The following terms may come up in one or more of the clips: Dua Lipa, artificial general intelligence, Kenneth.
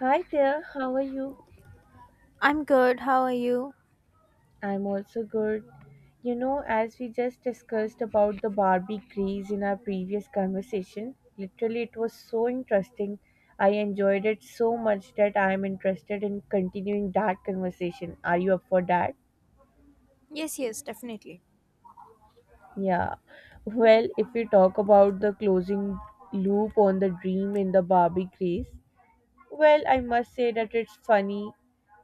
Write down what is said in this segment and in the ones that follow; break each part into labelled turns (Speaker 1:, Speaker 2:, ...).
Speaker 1: Hi there, how are you?
Speaker 2: I'm good. How are you?
Speaker 1: I'm also good. You know, as we just discussed about the Barbie craze in our previous conversation, literally it was so interesting. I enjoyed it so much that I'm interested in continuing that conversation. Are you up for that?
Speaker 2: Yes, yes, definitely.
Speaker 1: Yeah. Well, if we talk about the closing loop on the dream in the Barbie craze, well, I must say that it's funny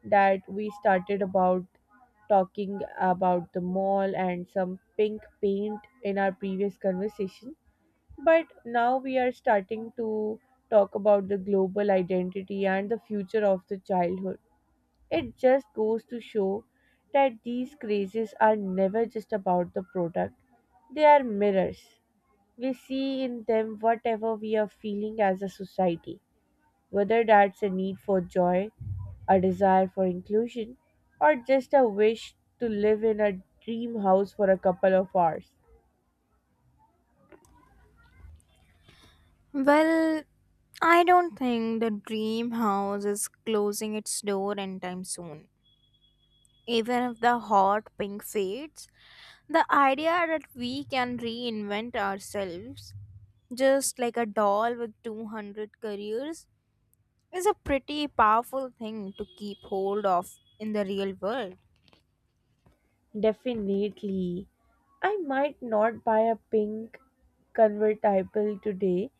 Speaker 1: that we started about talking about the mall and some pink paint in our previous conversation, but now we are starting to talk about the global identity and the future of the childhood. It just goes to show that these crazes are never just about the product, they are mirrors. We see in them whatever we are feeling as a society, whether that's a need for joy, a desire for inclusion, or just a wish to live in a dream house for a couple of hours.
Speaker 2: Well, I don't think the dream house is closing its door anytime soon. Even if the hot pink fades, the idea that we can reinvent ourselves, just like a doll with 200 careers, is a pretty powerful thing to keep hold of in the real world.
Speaker 1: Definitely. I might not buy a pink convertible today,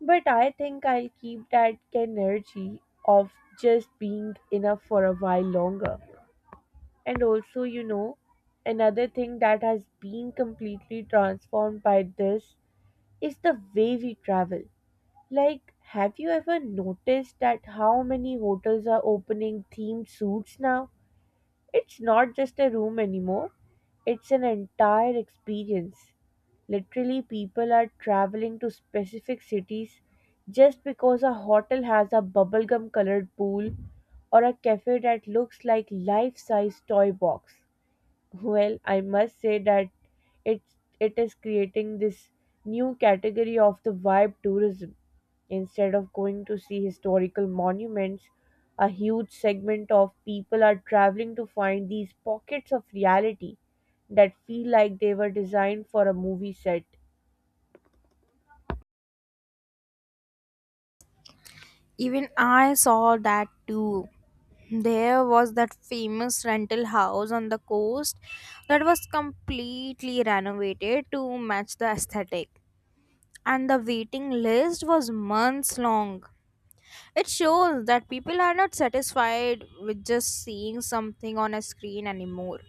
Speaker 1: but I think I'll keep that energy of just being enough for a while longer. And also, another thing that has been completely transformed by this is the way we travel. Like, have you ever noticed that how many hotels are opening themed suites now? It's not just a room anymore, it's an entire experience. Literally, people are traveling to specific cities just because a hotel has a bubblegum colored pool or a cafe that looks like life size toy box. Well, I must say that it it is creating this new category of the vibe tourism. Instead of going to see historical monuments, a huge segment of people are traveling to find these pockets of reality that feel like they were designed for a movie set.
Speaker 2: Even I saw that too. There was that famous rental house on the coast that was completely renovated to match the aesthetic, and the waiting list was months long. It shows that people are not satisfied with just seeing something on a screen anymore.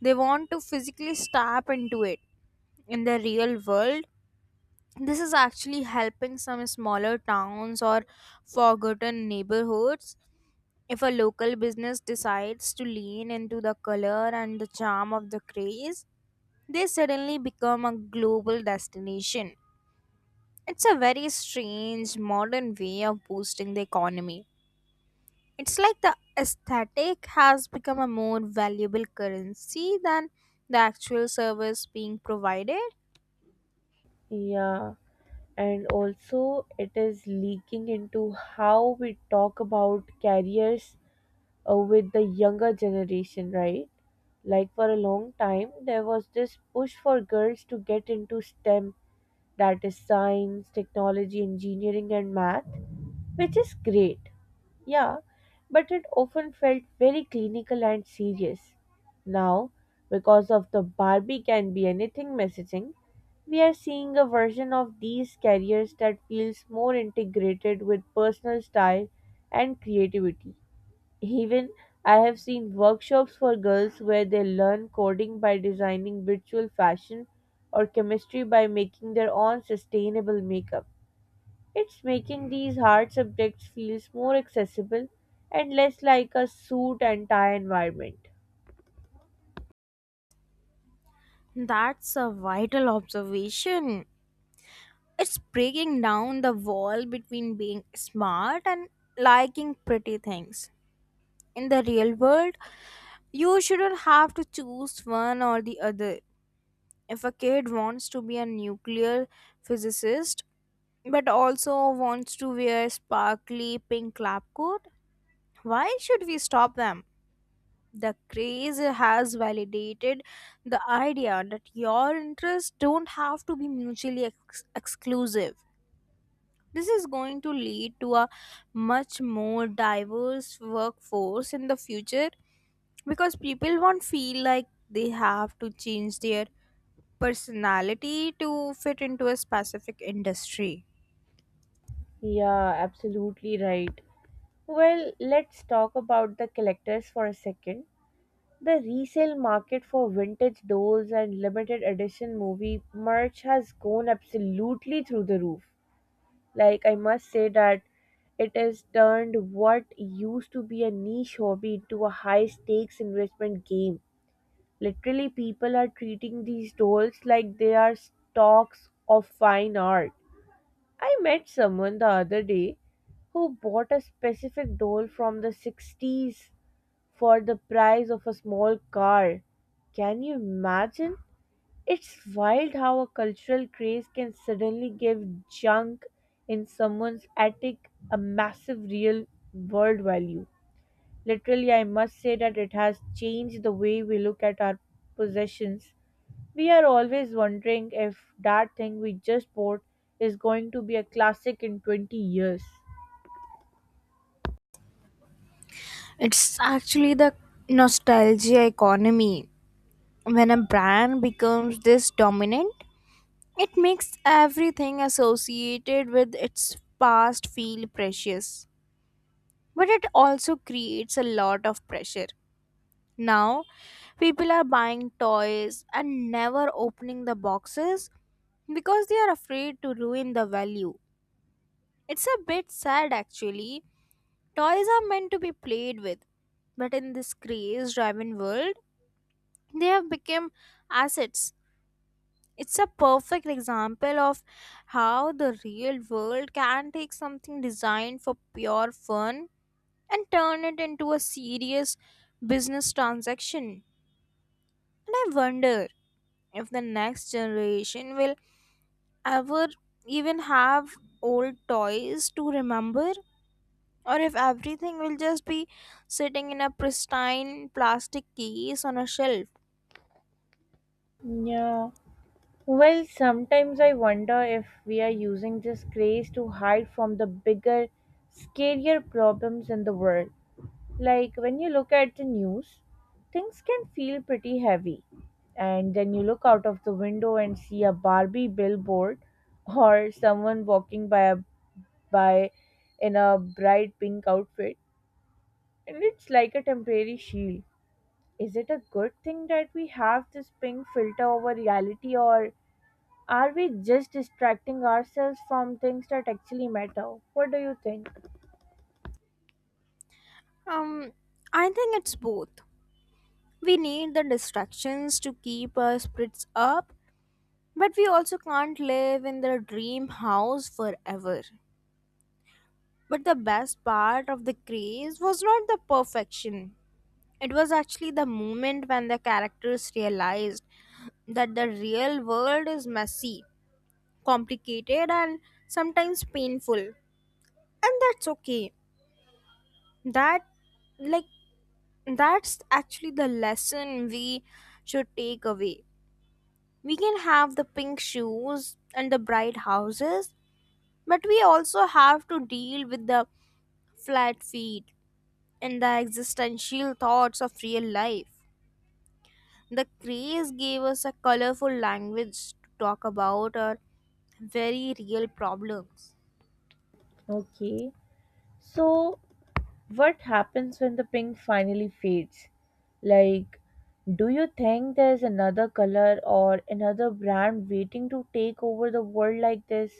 Speaker 2: They want to physically step into it in the real world. This is actually helping some smaller towns or forgotten neighborhoods. If a local business decides to lean into the color and the charm of the craze, they suddenly become a global destination. It's a very strange modern way of boosting the economy. It's like the aesthetic has become a more valuable currency than the actual service being provided.
Speaker 1: Yeah, and also it is leaking into how we talk about careers with the younger generation, right? Like for a long time, there was this push for girls to get into STEM, that is science, technology, engineering, and math, which is great, yeah, but it often felt very clinical and serious. Now, because of the Barbie can be anything messaging, we are seeing a version of these careers that feels more integrated with personal style and creativity. Even I have seen workshops for girls where they learn coding by designing virtual fashion or chemistry by making their own sustainable makeup. It's making these hard subjects feels more accessible and less like a suit and tie environment.
Speaker 2: That's a vital observation. It's breaking down the wall between being smart and liking pretty things. In the real world, you shouldn't have to choose one or the other. If a kid wants to be a nuclear physicist but also wants to wear sparkly pink lab coat, why should we stop them? The craze has validated the idea that your interests don't have to be mutually exclusive. This is going to lead to a much more diverse workforce in the future because people won't feel like they have to change their personality to fit into a specific industry.
Speaker 1: Yeah, absolutely right. Well, let's talk about the collectors for a second. The resale market for vintage dolls and limited edition movie merch has gone absolutely through the roof. Like, I must say that it has turned what used to be a niche hobby into a high stakes investment game. Literally, people are treating these dolls like they are stocks of fine art. I met someone the other day who bought a specific doll from the 60s for the price of a small car. Can you imagine? It's wild how a cultural craze can suddenly give junk in someone's attic a massive real world value. Literally, I must say that it has changed the way we look at our possessions. We are always wondering if that thing we just bought is going to be a classic in 20 years.
Speaker 2: It's actually the nostalgia economy. When a brand becomes this dominant, it makes everything associated with its past feel precious. But it also creates a lot of pressure. Now, people are buying toys and never opening the boxes because they are afraid to ruin the value. It's a bit sad actually. Toys are meant to be played with, but in this craze driven world, they have become assets. It's a perfect example of how the real world can take something designed for pure fun and turn it into a serious business transaction. And I wonder if the next generation will ever even have old toys to remember, or if everything will just be sitting in a pristine plastic case on a shelf.
Speaker 1: Yeah. Well, sometimes I wonder if we are using this craze to hide from the bigger, scarier problems in the world. Like when you look at the news, things can feel pretty heavy. And then you look out of the window and see a Barbie billboard or someone walking by a by in a bright pink outfit and it's like a temporary shield. Is it a good thing that we have this pink filter over reality or are we just distracting ourselves from things that actually matter? What do you think?
Speaker 2: um I think it's both. We need the distractions to keep our spirits up, but we also can't live in the dream house forever. But the best part of the craze was not the perfection. It was actually the moment when the characters realized that the real world is messy, complicated, and sometimes painful. And that's okay. That, like, that's actually the lesson we should take away. We can have the pink shoes and the bright houses, but we also have to deal with the flat feet and the existential thoughts of real life. The craze gave us a colorful language to talk about our very real problems.
Speaker 1: Okay. So what happens when the pink finally fades? Like, do you think there's another color or another brand waiting to take over the world like this?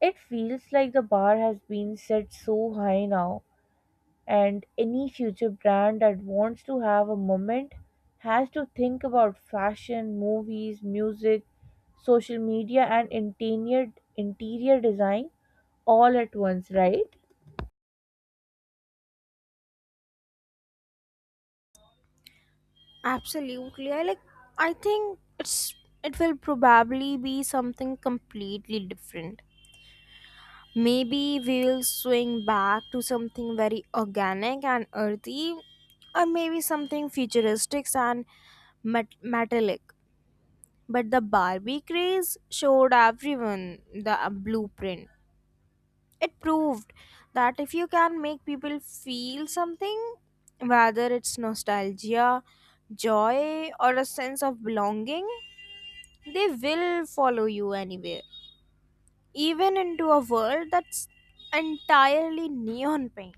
Speaker 1: It feels like the bar has been set so high now, and any future brand that wants to have a moment has to think about fashion, movies, music, social media, and interior design all at once, right?
Speaker 2: Absolutely. I think it will probably be something completely different. Maybe we'll swing back to something very organic and earthy, or maybe something futuristic and metallic. But the Barbie craze showed everyone the blueprint. It proved that if you can make people feel something, whether it's nostalgia, joy, or a sense of belonging, they will follow you anywhere, even into a world that's entirely neon pink.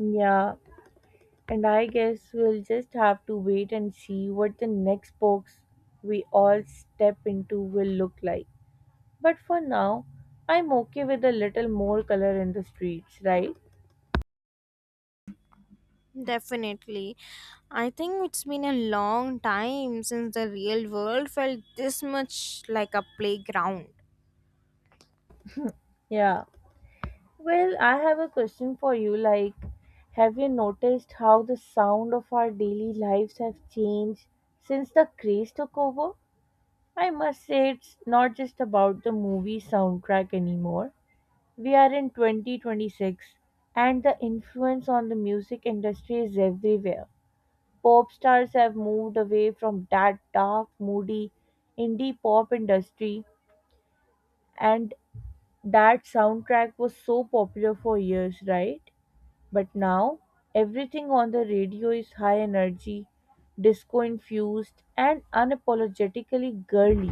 Speaker 1: Yeah, and I guess we'll just have to wait and see what the next box we all step into will look like. But for now, I'm okay with a little more color in the streets, right?
Speaker 2: Definitely. I think it's been a long time since the real world felt this much like a playground.
Speaker 1: Yeah. Well, I have a question for you. Like, have you noticed how the sound of our daily lives have changed since the craze took over? I must say, it's not just about the movie soundtrack anymore. We are in 2026 and the influence on the music industry is everywhere. Pop stars have moved away from that dark, moody indie pop industry, and that soundtrack was so popular for years, right? But now everything on the radio is high energy, disco infused and unapologetically girly.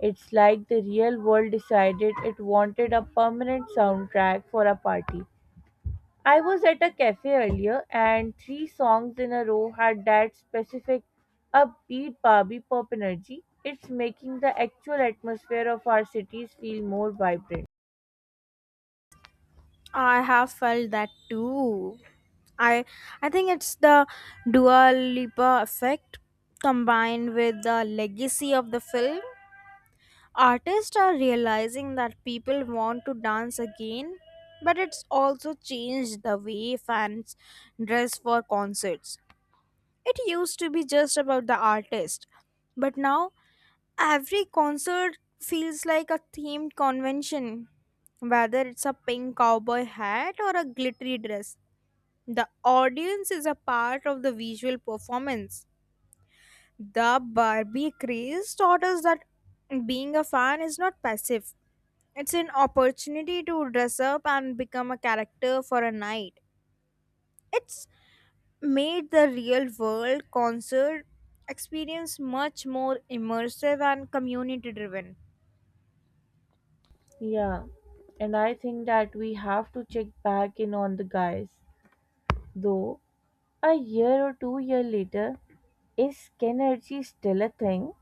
Speaker 1: It's like the real world decided it wanted a permanent soundtrack for a party. I was at a cafe earlier, and three songs in a row had that specific upbeat Barbie pop energy. It's making the actual atmosphere of our cities feel more vibrant.
Speaker 2: I have felt that too. I I think it's the Dua Lipa effect combined with the legacy of the film. Artists are realizing that people want to dance again, but it's also changed the way fans dress for concerts. It used to be just about the artist, but now every concert feels like a themed convention. Whether it's a pink cowboy hat or a glittery dress, the audience is a part of the visual performance. The Barbie craze taught us that being a fan is not passive, it's an opportunity to dress up and become a character for a night. It's made the real world concert experience much more immersive and community driven.
Speaker 1: Yeah, and I think that we have to check back in on the guys. Though, a year or 2 year later, is Skenergy still a thing?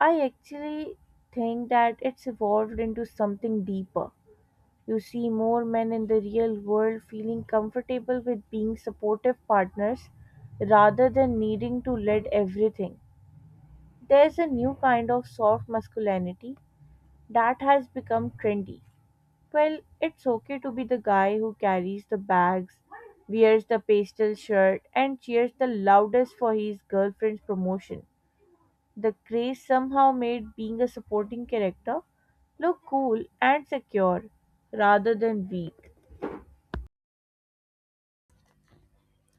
Speaker 1: I actually think that it's evolved into something deeper. You see more men in the real world feeling comfortable with being supportive partners rather than needing to lead everything. There's a new kind of soft masculinity that has become trendy. Well, it's okay to be the guy who carries the bags, wears the pastel shirt, and cheers the loudest for his girlfriend's promotion. The craze somehow made being a supporting character look cool and secure rather than weak.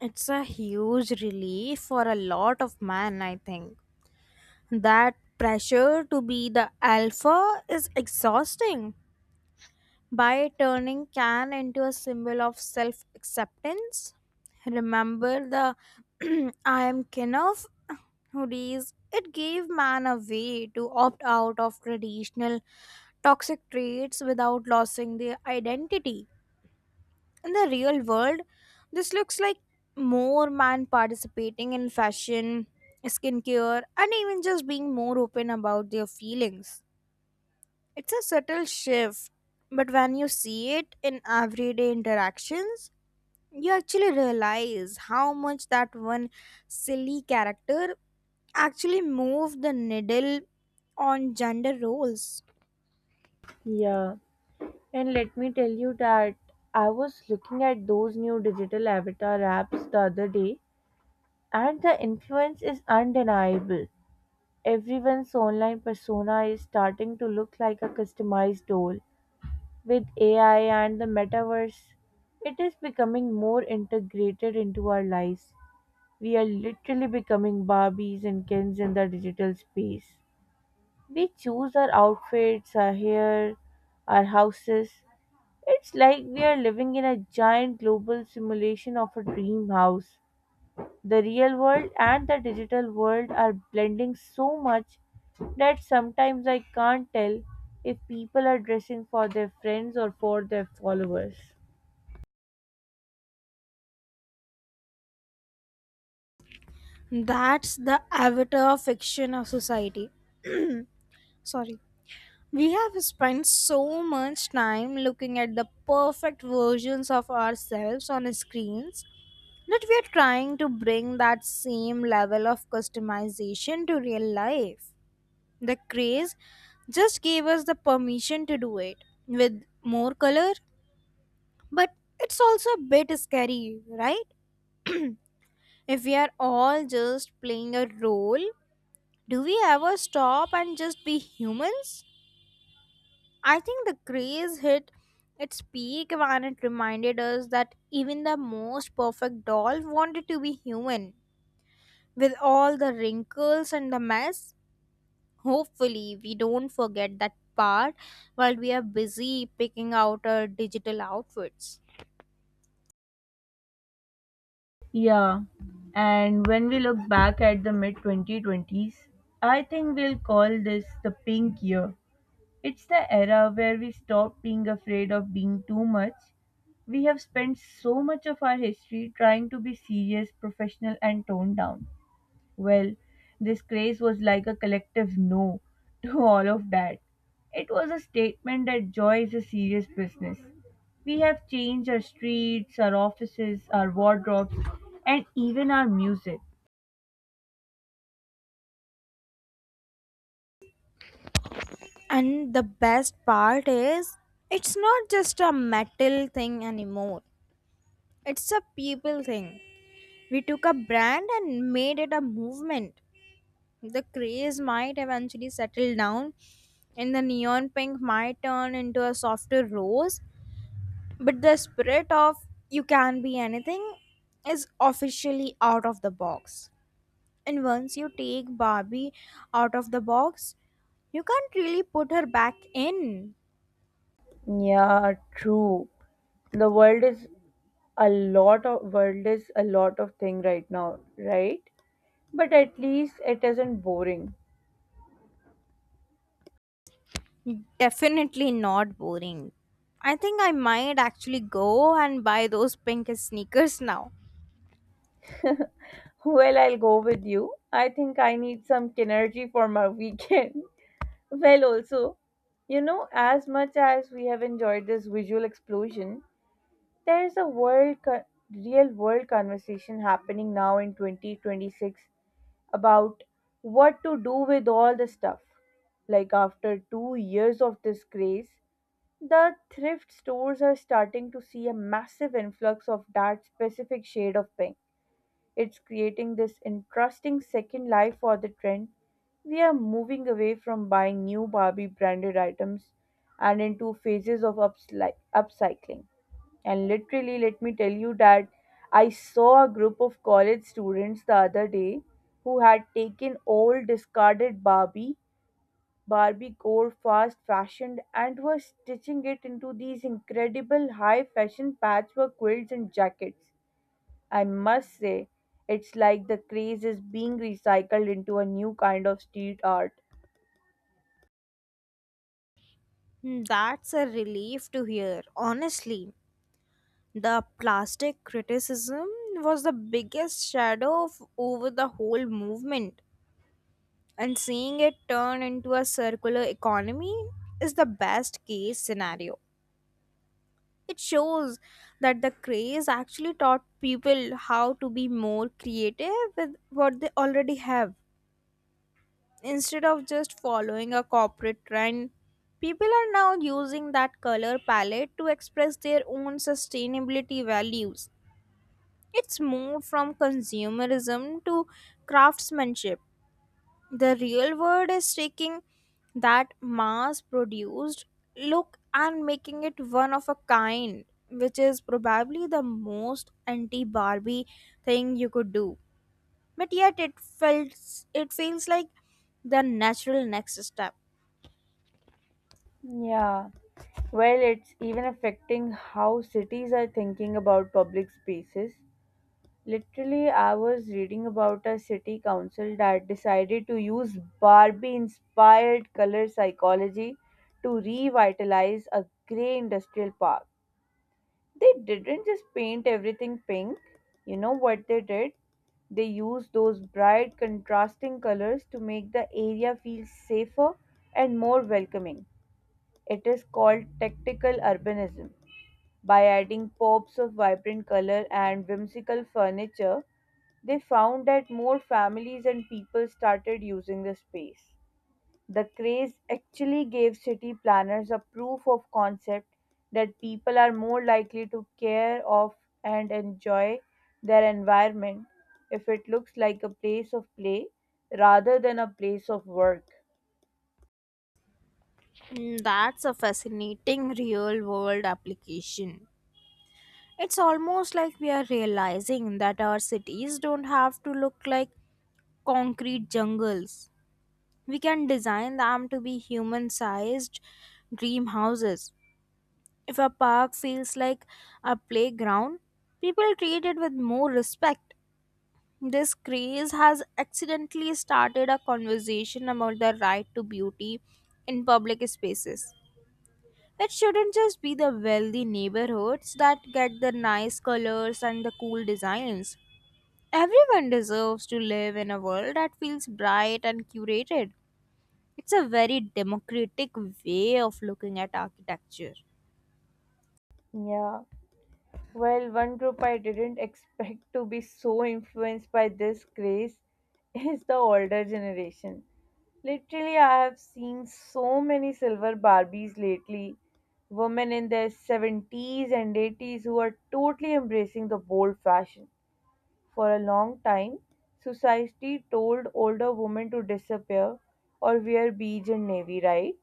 Speaker 2: It's a huge relief for a lot of men, I think. That pressure to be the alpha is exhausting. By turning can into a symbol of self acceptance, remember the I am Kenneth hoodies. It gave man a way to opt out of traditional toxic traits without losing their identity. In the real world, this looks like more men participating in fashion, skincare, and even just being more open about their feelings. It's a subtle shift, but when you see it in everyday interactions, you actually realize how much that one silly character actually moved the needle on gender roles.
Speaker 1: Yeah. And let me tell you that I was looking at those new digital avatar apps the other day, and the influence is undeniable. Everyone's online persona is starting to look like a customized doll. With AI and the metaverse, it is becoming more integrated into our lives. We are literally becoming Barbies and Kens in the digital space. We choose our outfits, our hair, our houses. It's like we are living in a giant global simulation of a dream house. The real world and the digital world are blending so much that sometimes I can't tell if people are dressing for their friends or for their followers.
Speaker 2: That's the avatar fiction of society. Sorry. We have spent so much time looking at the perfect versions of ourselves on screens that we are trying to bring that same level of customization to real life. The craze just gave us the permission to do it with more color, but it's also a bit scary, right? If we are all just playing a role, do we ever stop and just be humans? I think the craze hit its peak when it reminded us that even the most perfect doll wanted to be human. With all the wrinkles and the mess, hopefully we don't forget that part while we are busy picking out our digital outfits.
Speaker 1: Yeah, and when we look back at the mid 2020s, I think we'll call this the pink year. It's the era where we stop being afraid of being too much. We have spent so much of our history trying to be serious, professional, and toned down. Well, this craze was like a collective no to all of that. It was a statement that joy is a serious business. We have changed our streets, our offices, our wardrobes, and even our music.
Speaker 2: And the best part is, it's not just a metal thing anymore, it's a people thing. We took a brand and made it a movement. The craze might eventually settle down, and the neon pink might turn into a softer rose, but the spirit of you can be anything is officially out of the box. And once you take Barbie out of the box, you can't really put her back in.
Speaker 1: Yeah, true. The world is a lot of thing right now, right, but at least it isn't boring.
Speaker 2: Definitely not boring. I think I might actually go and buy those pink sneakers now.
Speaker 1: Well, I'll go with you. I think I need some kinergy for my weekend. Well also, as much as we have enjoyed this visual explosion, there is a real world conversation happening now in 2026 about what to do with all the stuff, like after 2 years of this craze. The thrift stores are starting to see a massive influx of that specific shade of pink. It's creating this interesting second life for the trend. We are moving away from buying new Barbie branded items and into phases of upcycling. And literally, let me tell you that I saw a group of college students the other day who had taken old discarded Barbie Gore fast fashioned and was stitching it into these incredible high fashion patchwork quilts and jackets. I must say, it's like the craze is being recycled into a new kind of street art.
Speaker 2: Hmm, that's a relief to hear, honestly. The plastic criticism was the biggest shadow over the whole movement, and seeing it turn into a circular economy is the best case scenario. It shows that the craze actually taught people how to be more creative with what they already have. Instead of just following a corporate trend, people are now using that color palette to express their own sustainability values. It's moved from consumerism to craftsmanship. The real world is taking that mass produced look and making it one of a kind, which is probably the most anti Barbie thing you could do. But yet it feels like the natural next step.
Speaker 1: Yeah, well, it's even affecting how cities are thinking about public spaces. Literally, I was reading about a city council that decided to use Barbie inspired color psychology to revitalize a grey industrial park. They didn't just paint everything pink, you know what they did? They used those bright, contrasting colors to make the area feel safer and more welcoming. It is called tactical urbanism. By adding pops of vibrant color and whimsical furniture, they found that more families and people started using the space. The craze actually gave city planners a proof of concept that people are more likely to care of and enjoy their environment if it looks like a place of play rather than a place of work.
Speaker 2: Mm, that's a fascinating real world application. It's almost like we are realizing that our cities don't have to look like concrete jungles. We can design them to be human sized dream houses. If a park feels like a playground, people treat it with more respect. This craze has accidentally started a conversation about the right to beauty in public spaces. It shouldn't just be the wealthy neighborhoods that get the nice colors and the cool designs. Everyone deserves to live in a world that feels bright and curated. It's a very democratic way of looking at architecture.
Speaker 1: Yeah. Well, one group I didn't expect to be so influenced by this craze is the older generation. Literally, I have seen so many silver Barbies lately, women in their 70s and 80s who are totally embracing the bold fashion. For a long time, society told older women to disappear or wear beige and navy, right?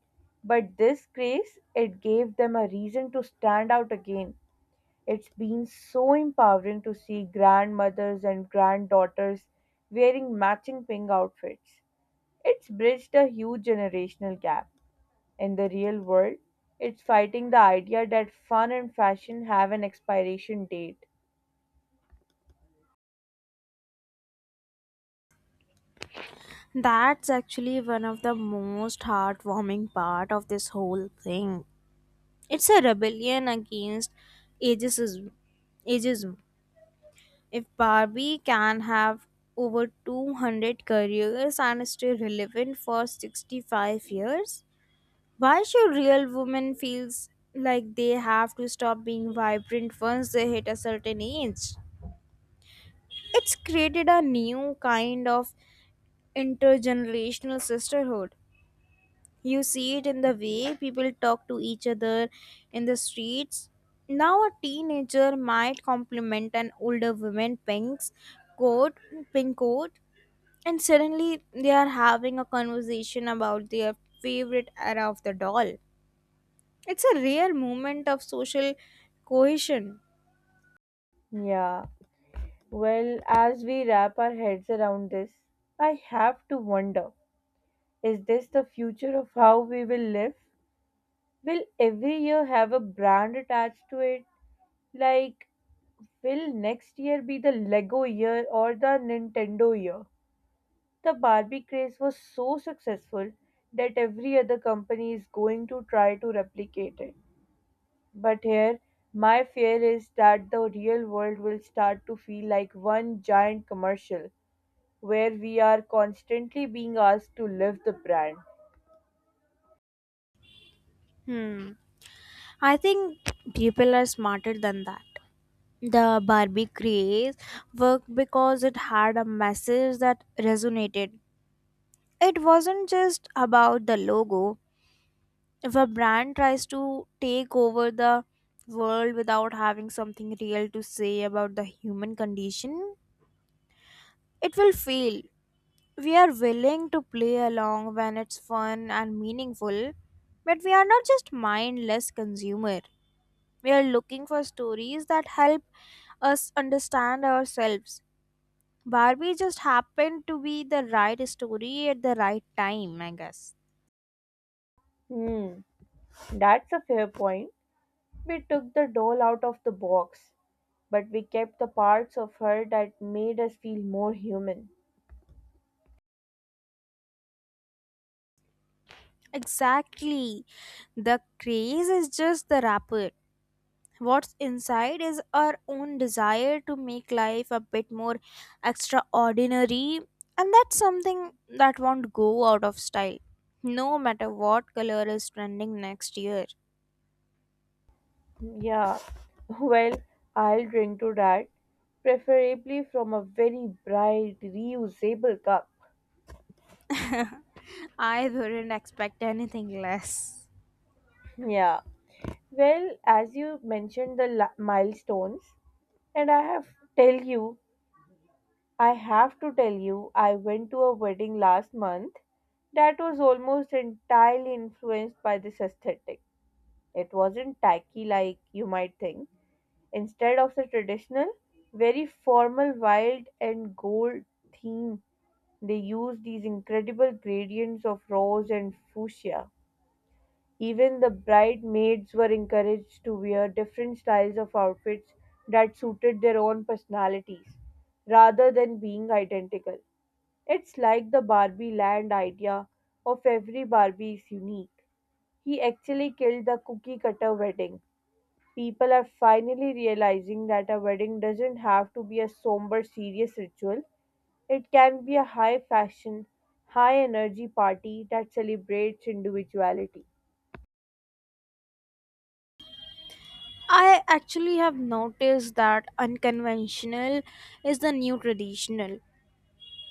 Speaker 1: But this craze, it gave them a reason to stand out again. It's been so empowering to see grandmothers and granddaughters wearing matching pink outfits. It's bridged a huge generational gap. In the real world, it's fighting the idea that fun and fashion have an expiration date.
Speaker 2: That's actually one of the most heartwarming part of this whole thing. It's a rebellion against ageism. ageism. If Barbie can have over 200 careers and stay relevant for 65 years, why should real women feels like they have to stop being vibrant once they hit a certain age? It's created a new kind of intergenerational sisterhood. You see it in the way people talk to each other in the streets. Now, a teenager might compliment an older woman coat, pink coat, and suddenly they are having a conversation about their favorite era of the doll. It's a rare moment of social cohesion.
Speaker 1: Yeah. Well, as we wrap our heads around this, I have to wonder, is this the future of how we will live? Will every year have a brand attached to it? Like, will next year be the Lego year or the Nintendo year? The Barbie craze was so successful that every other company is going to try to replicate it. But here, my fear is that the real world will start to feel like one giant commercial where we are constantly being asked to live the brand.
Speaker 2: Hmm. I think people are smarter than that. The Barbie craze worked because it had a message that resonated. It wasn't just about the logo. If a brand tries to take over the world without having something real to say about the human condition, it will fail. We are willing to play along when it's fun and meaningful, but we are not just mindless consumer. We are looking for stories that help us understand ourselves. Barbie just happened to be the right story at the right time, I guess.
Speaker 1: Hmm, that's a fair point. We took the doll out of the box, but we kept the parts of her that made us feel more human.
Speaker 2: Exactly. The craze is just the wrapper. What's inside is our own desire to make life a bit more extraordinary, and that's something that won't go out of style, no matter what color is trending next year.
Speaker 1: Yeah, well, I'll drink to that, preferably from a very bright, reusable cup.
Speaker 2: I wouldn't expect anything less.
Speaker 1: Yeah. Well, as you mentioned the milestones, and tell you, I have to tell you, I went to a wedding last month that was almost entirely influenced by this aesthetic. It wasn't tacky like you might think. Instead of the traditional, very formal wild and gold theme, they used these incredible gradients of rose and fuchsia. Even the bridesmaids were encouraged to wear different styles of outfits that suited their own personalities, rather than being identical. It's like the Barbie land idea of every Barbie is unique. He actually killed the cookie cutter wedding. People are finally realizing that a wedding doesn't have to be a somber, serious ritual. It can be a high fashion, high energy party that celebrates individuality.
Speaker 2: I actually have noticed that unconventional is the new traditional.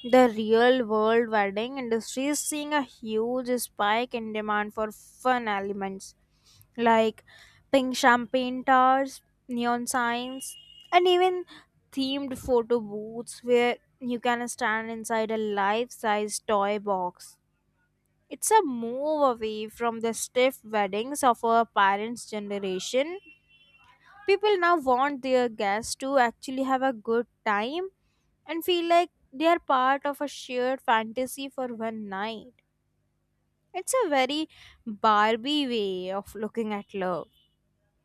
Speaker 2: The real world wedding industry is seeing a huge spike in demand for fun elements like pink champagne towers, neon signs, and even themed photo booths where you can stand inside a life size toy box. It's a move away from the stiff weddings of our parents' generation. People now want their guests to actually have a good time and feel like they are part of a shared fantasy for one night. It's a very Barbie way of looking at love.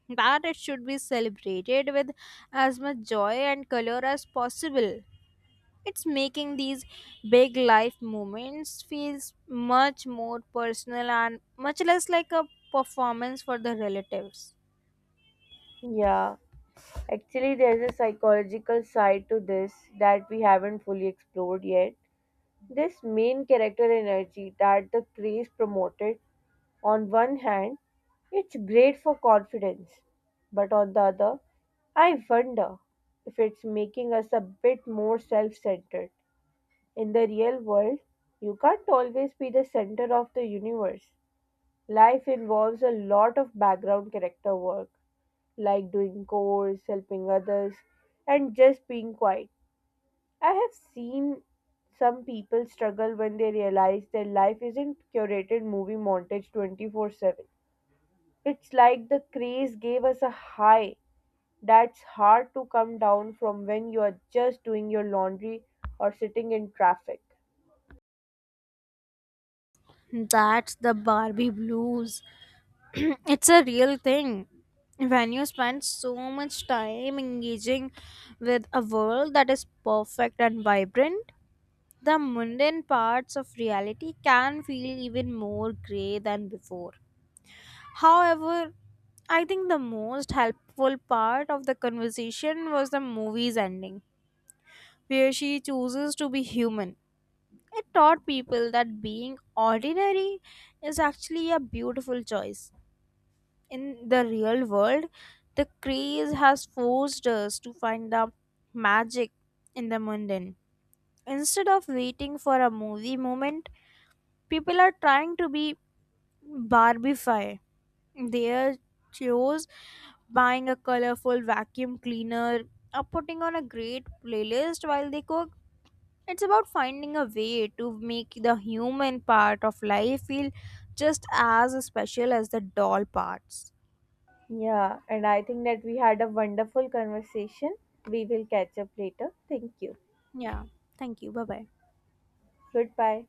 Speaker 2: That it should be celebrated with as much joy and color as possible. It's making these big life moments feels much more personal and much less like a performance for the relatives.
Speaker 1: Yeah, actually, there's a psychological side to this that we haven't fully explored yet. This main character energy that the craze promoted, on one hand, it's great for confidence, but on the other, I wonder if it's making us a bit more self centered. In the real world, you can't always be the center of the universe. Life involves a lot of background character work, like doing chores, helping others, and just being quiet. I have seen some people struggle when they realize their life isn't curated movie montage 24/7. It's like the craze gave us a high that's hard to come down from when you're just doing your laundry or sitting in traffic.
Speaker 2: That's the Barbie blues. It's a real thing. When you spend so much time engaging with a world that is perfect and vibrant, the mundane parts of reality can feel even more grey than before. However, I think the most helpful part of the conversation was the movie's ending, where she chooses to be human. It taught people that being ordinary is actually a beautiful choice. In the real world, the craze has forced us to find the magic in the mundane. Instead of waiting for a movie moment, people are trying to be Barbiefy. They are chose buying a colorful vacuum cleaner or putting on a great playlist while they cook. It's about finding a way to make the human part of life feel just as special as the doll parts.
Speaker 1: Yeah, and I think that we had a wonderful conversation. We will catch up later. Thank you.
Speaker 2: Yeah. Thank you. Bye bye.
Speaker 1: Goodbye.